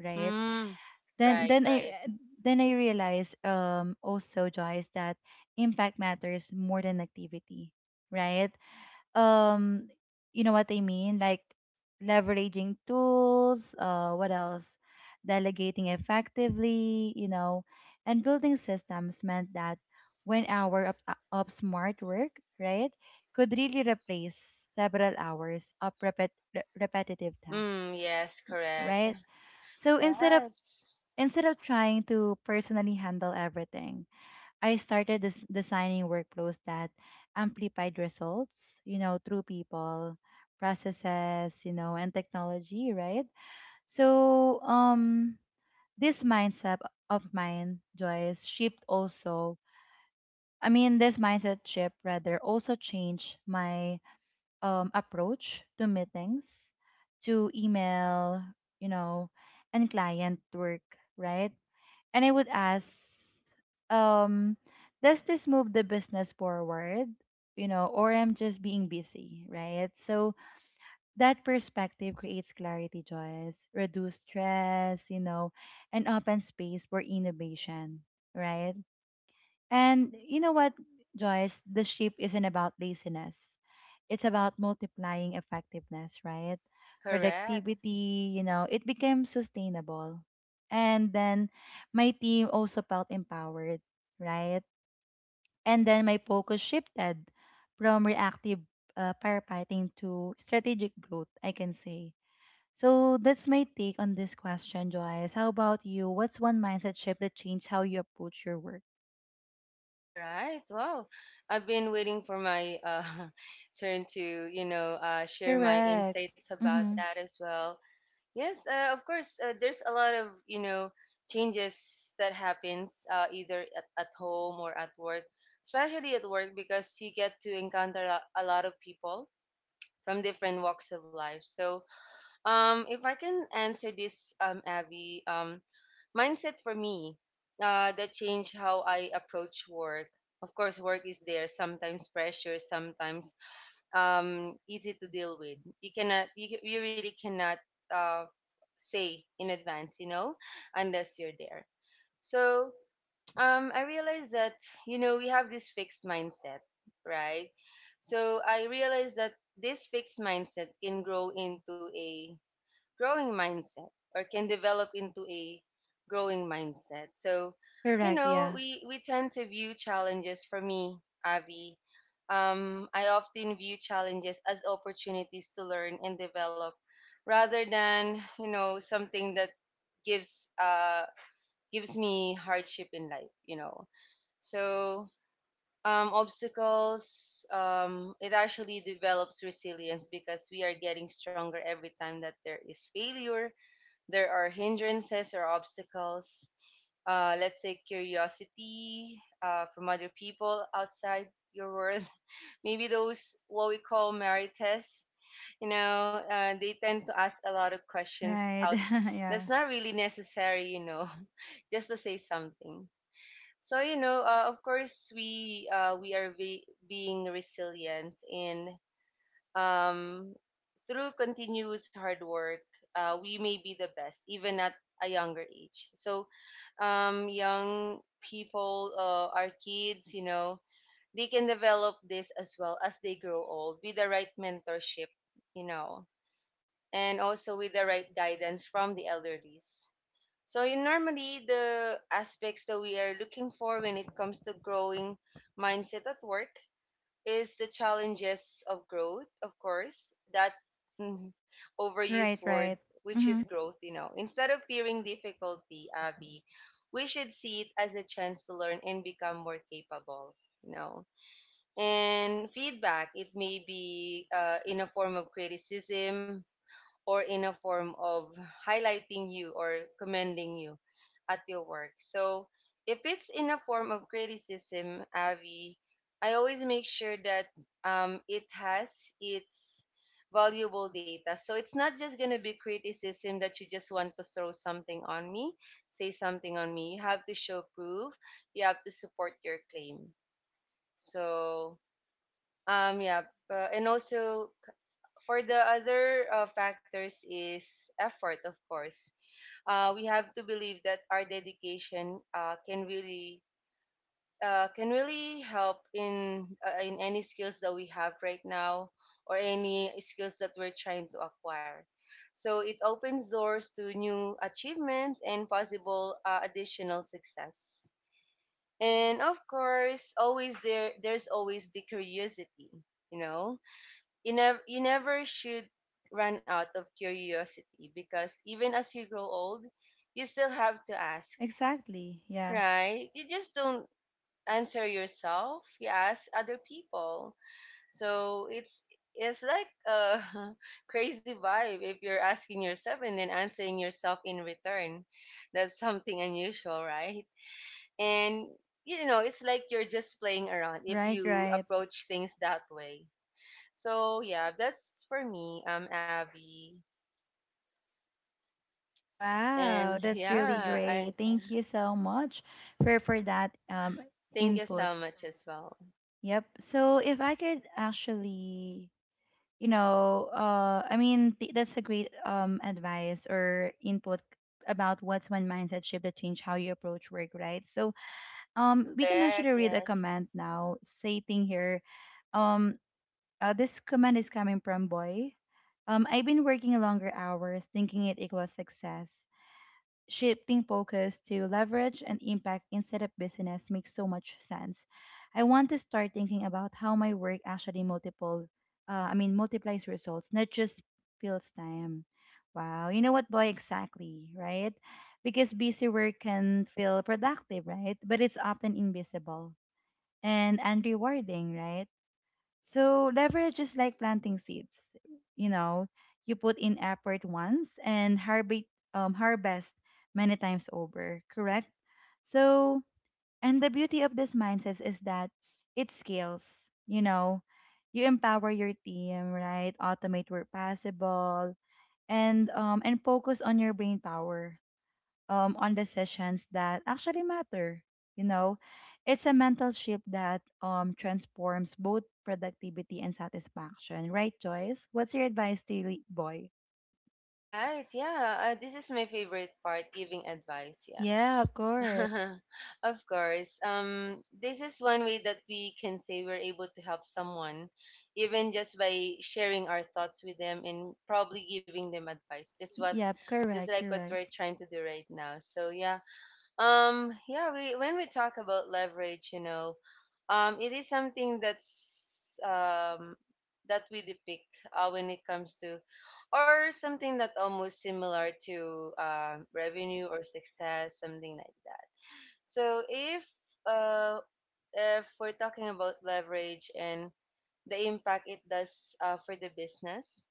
S1: right?
S2: Mm,
S1: then
S2: right,
S1: then I
S2: right.
S1: then I realized, um, also Joyce, that impact matters more than activity, right? Um, you know what I mean? Like leveraging tools, what else? Delegating effectively, you know, and building systems meant that 1 hour of smart work, right, could really replace several hours of repetitive task,
S2: Mm, yes, correct.
S1: right? So instead of,
S2: Yes,
S1: instead of trying to personally handle everything, I started designing workflows that amplified results, you know, through people, processes, you know, and technology, right? So, this mindset of mine, Joyce, shift also. I mean, this mindset shift rather also changed my approach to meetings, to email, you know, and client work, right? And I would ask, um, does this move the business forward? You know, or I'm just being busy, right? So that perspective creates clarity, Joyce, reduce stress, you know, and open space for innovation, right? And you know what, Joyce? The sheep isn't about laziness. It's about multiplying effectiveness, right?
S2: correct.
S1: Productivity, you know, it became sustainable. And then my team also felt empowered, right? And then my focus shifted from reactive firefighting to strategic growth, I can say. So that's my take on this question, Joyce. How about you? What's one mindset shift that changed how you approach your work?
S2: All right. Wow. I've been waiting for my *laughs* turn to, you know, share my
S1: Correct.
S2: insights about
S1: Mm-hmm.
S2: that as well. Yes, of course. There's a lot of, you know, changes that happens either at home or at work, especially at work because you get to encounter a lot of people from different walks of life. So, if I can answer this, Abby, mindset for me, that changed how I approach work. Of course, work is there. Sometimes pressure, sometimes easy to deal with. You cannot, you really cannot uh, say in advance, you know, unless you're there. So I realized that, you know, we have this fixed mindset, right? So I realized that this fixed mindset can grow into a growing mindset or can develop into a growing mindset. So, you
S1: Correct,
S2: know,
S1: yeah.
S2: we tend to view challenges for me, Avi. I often view challenges as opportunities to learn and develop rather than, you know, something that gives uh gives me hardship in life, you know. So obstacles, it actually develops resilience because we are getting stronger every time that there is failure, there are hindrances or obstacles, let's say curiosity from other people outside your world, *laughs* maybe those what we call marites, you know, they tend to ask a lot of questions
S1: Right.
S2: out
S1: *laughs*
S2: that's
S1: yeah.
S2: not really necessary, you know, *laughs* just to say something. So you know, of course we, being resilient in, um, through continuous hard work, we may be the best, even at a younger age. So, young people, our kids, you know, they can develop this as well as they grow old with the right mentorship, you know, and also with the right guidance from the elderlies. So, in normally, the aspects that we are looking for when it comes to growing mindset at work is the challenges of growth, of course, that mm, overused
S1: Right,
S2: word,
S1: right.
S2: which is
S1: Mm-hmm.
S2: growth, you know. Instead of fearing difficulty, Abby, we should see it as a chance to learn and become more capable, you know. And feedback, it may be in a form of criticism, or in a form of highlighting you or commending you at your work. So if it's in a form of criticism, Avi, I always make sure that it has its valuable data. So it's not just gonna be criticism that you just want to throw something on me, say something on me. You have to show proof. You have to support your claim. So um, yeah, and also for the other factors is effort, of course. We have to believe that our dedication can really help in any skills that we have right now or any skills that we're trying to acquire. So it opens doors to new achievements and possible additional success. And of course, always there's always the curiosity, you know, you never should run out of curiosity because even as you grow old you still have to ask,
S1: Exactly. Yeah.
S2: right? You just don't answer yourself, you ask other people. So it's like a *laughs* crazy vibe if you're asking yourself and then answering yourself in return. That's something unusual, right? And you know, it's like you're just playing around if
S1: Right,
S2: you
S1: right.
S2: approach things that way. So yeah, that's for me, Abby.
S1: Wow,
S2: And *laughs*
S1: that's really
S2: yeah, I
S1: great. Thank you so much for that
S2: thank you
S1: input.
S2: so much as well.
S1: Yep. So if I could actually, you know, I mean that's a great advice or input about what's one mindset shift that change how you approach work, right? So we can actually
S2: Correct,
S1: read a
S2: yes.
S1: comment now stating here um, uh, this comment is coming from Boy. I've been working longer hours thinking it equals success. Shifting focus to leverage and impact instead of business makes so much sense. I want to start thinking about how my work actually multiple, I mean multiplies results, not just fills time. Wow, you know what, boy, exactly, right? Because busy work can feel productive, right? But it's often invisible and unrewarding, right? So leverage is like planting seeds. You know, you put in effort once and harvest harvest many times over, correct? So, and the beauty of this mindset is that it scales. You know, you empower your team, right? Automate where possible, and focus on your brain power on decisions that actually matter. You know, it's a mental shift that transforms both productivity and satisfaction. Right, Joyce? What's your advice to Lee Boy?
S2: All right, yeah. This is my favorite part, giving advice, yeah.
S1: Yeah, of course.
S2: *laughs* Of course. This is one way that we can say we're able to help someone, even just by sharing our thoughts with them and probably giving them advice. Just what
S1: Yep,
S2: just
S1: correct,
S2: like what
S1: correct.
S2: we're trying to do right now. So yeah, yeah, we when we talk about leverage, you know, it is something that we depict when it comes to, or something that almost similar to revenue or success, something like that. So if uh if we're talking about leverage and the impact it does for the business,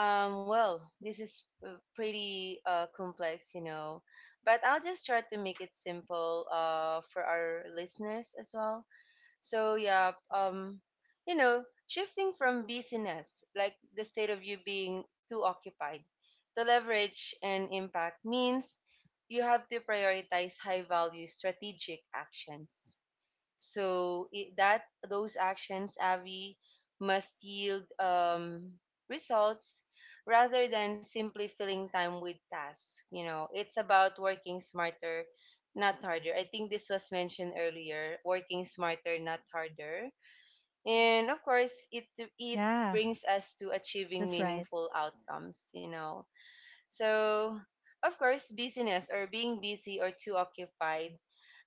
S2: well, this is pretty complex, you know, but I'll just try to make it simple for our listeners as well. So, yeah, um, you know, shifting from busyness, like the state of you being too occupied, to leverage and impact means you have to prioritize high value strategic actions so I that those actions, Avi, must yield results rather than simply filling time with tasks. You know, it's about working smarter, not harder. I think this was mentioned earlier. Working smarter, not harder. And of course, it
S1: Yeah,
S2: brings us to achieving
S1: that's right.
S2: meaningful outcomes. You know, so of course, busyness or being busy or too occupied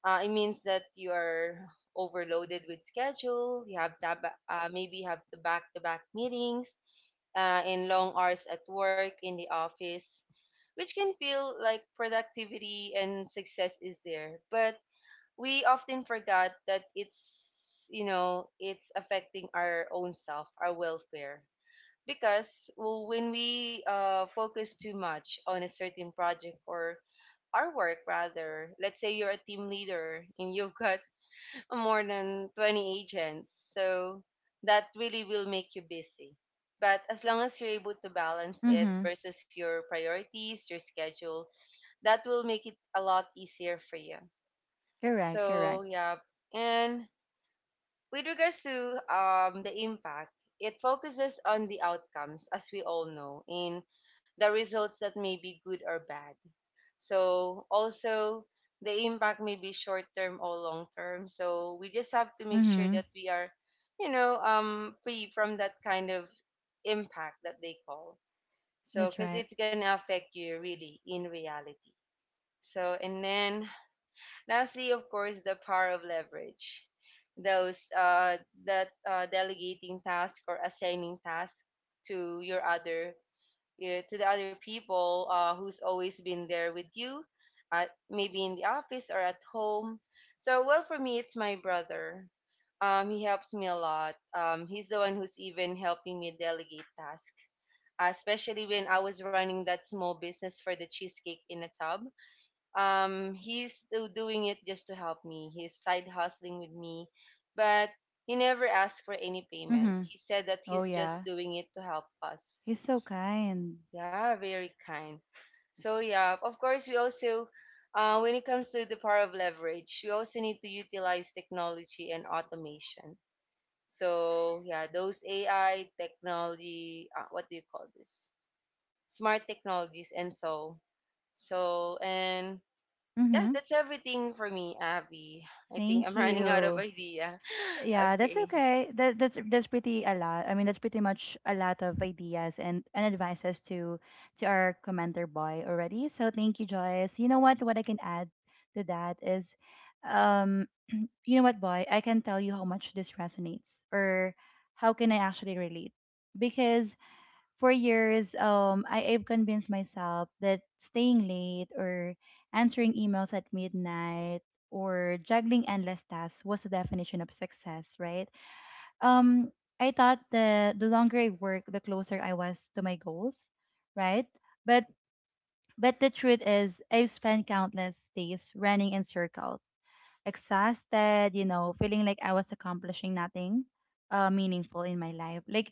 S2: it means that you are overloaded with schedule. You have to maybe you have the back to back meetings and long hours at work in the office, which can feel like productivity and success is there. But we often forgot that it's, you know, it's affecting our own self, our welfare. Because well, when we focus too much on a certain project or our work rather, let's say you're a team leader and you've got more than 20 agents. So that really will make you busy. But as long as you're able to balance it
S1: Mm-hmm.
S2: versus your priorities, your schedule, that will make it a lot easier for you.
S1: Correct, correct.
S2: So, yeah. And with regards to the impact, it focuses on the outcomes, as we all know, in the results that may be good or bad. So also the impact may be short term or long term. So we just have to make sure
S1: Mm-hmm.
S2: that we are, you know, um, free from that kind of impact that they call. So
S1: That's
S2: because
S1: right.
S2: it's gonna affect you really in reality. So and then lastly, of course, the power of leverage. Those that Delegating task or assigning task to your other to the other people who's always been there with you, at, maybe in the office or at home. So, well, for me, it's my brother. He helps me a lot. He's the one who's even helping me delegate tasks, especially when I was running that small business for the cheesecake in a tub. He's still doing it just to help me. He's side hustling with me, but he never asked for any payment.
S1: Mm-hmm.
S2: He said that
S1: Oh
S2: he's just
S1: yeah.
S2: doing it to help us.
S1: He's so kind.
S2: Yeah, very kind. So yeah, of course we also when it comes to the power of leverage, we also need to utilize technology and automation. So yeah, those AI technology, what do you call this? Smart technologies and so so and yeah,
S1: Mm-hmm.
S2: that's everything for me, Abby. I think I'm *laughs*
S1: Thank
S2: running out of
S1: you.
S2: idea. *laughs*
S1: Yeah, that's
S2: Okay,
S1: okay. That's pretty a lot. I mean, that's pretty much a lot of ideas and advices to our commenter boy already. So thank you, Joyce. You know what? What I can add to that is, um, you know what, boy, I can tell you how much this resonates or how can I actually relate because for years, I've convinced myself that staying late or answering emails at midnight or juggling endless tasks was the definition of success, right? um I thought the longer I worked, the closer I was to my goals, right? But but the truth is I've spent countless days running in circles, exhausted, you know, feeling like I was accomplishing nothing meaningful in my life. Like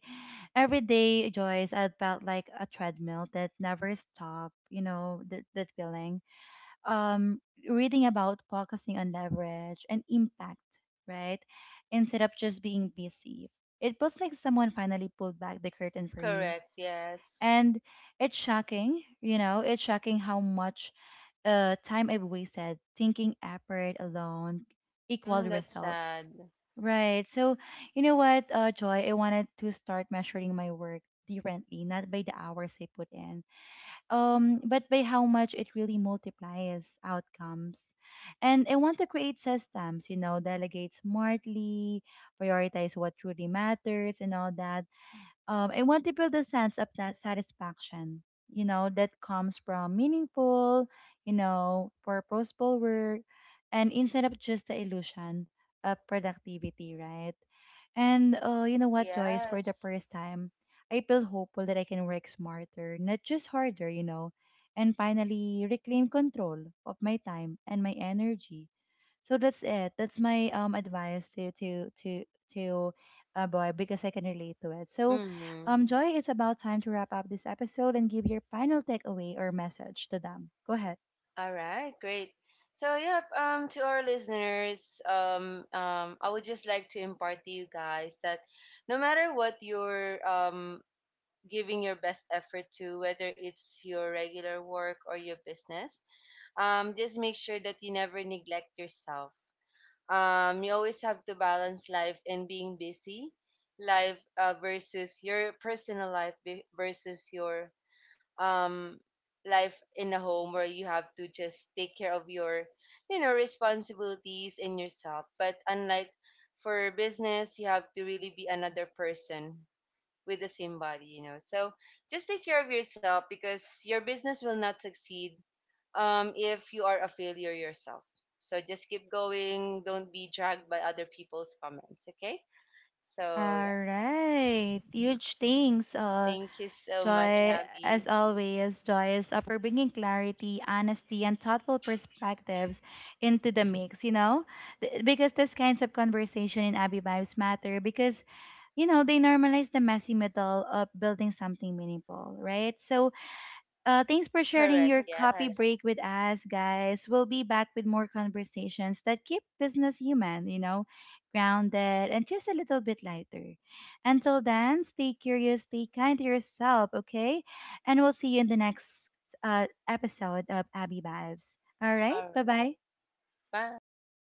S1: every day, Joyce, I felt like a treadmill that never stopped, you know, that feeling, um, reading about focusing on leverage and impact, right? Instead of just being busy. It was like someone finally pulled back the curtain for me.
S2: correct. Yes.
S1: And it's shocking, you know, it's shocking how much time I've wasted thinking effort alone equaled
S2: Mm, that's
S1: results.
S2: sad.
S1: Right. So, you know what, Joy, I wanted to start measuring my work differently, not by the hours I put in, but by how much it really multiplies outcomes. And I want to create systems, you know, delegate smartly, prioritize what truly matters, and all that. I want to build a sense of that satisfaction, you know, that comes from meaningful, you know, purposeful work and instead of just the illusion of productivity, right? And you
S2: Correct.
S1: know what, Joyce, for the
S2: Yes.
S1: first time, I feel hopeful that I can work smarter, not just harder, you know, and finally reclaim control of my time and my energy. So that's it. That's my advice to a boy because I can relate to it. So,
S2: Mm-hmm.
S1: Joy, it's about time to wrap up this episode and give your final takeaway or message to them. Go ahead.
S2: All right, great. To our listeners, I would just like to impart to you guys that no matter what you're giving your best effort to, whether it's your regular work or your business, just make sure that you never neglect yourself. You always have to balance life and being busy, life versus your personal life versus your um life in a home where you have to just take care of your, you know, responsibilities in yourself. But unlike for business, you have to really be another person with the same body, you know. So just take care of yourself because your business will not succeed if you are a failure yourself. So just keep going, don't be dragged by other people's comments, okay? So
S1: All
S2: yeah,
S1: right. Huge thanks,
S2: thank you so much,
S1: Joy. As
S2: Abby.
S1: always, Joy is up for bringing clarity, honesty, and thoughtful perspectives into the mix, you know? Because this kinds of conversation in Abby Vibes matter because, you know, they normalize the messy middle of building something meaningful, right? So, thanks for sharing
S2: Correct,
S1: your copy
S2: yes.
S1: break with us, guys. We'll be back with more conversations that keep business human, you know, grounded and just a little bit lighter. Until then, stay curious, stay kind to yourself, okay? And we'll see you in the next episode of Abby Vibes. All right,
S2: All
S1: bye
S2: right,
S1: bye.
S2: bye.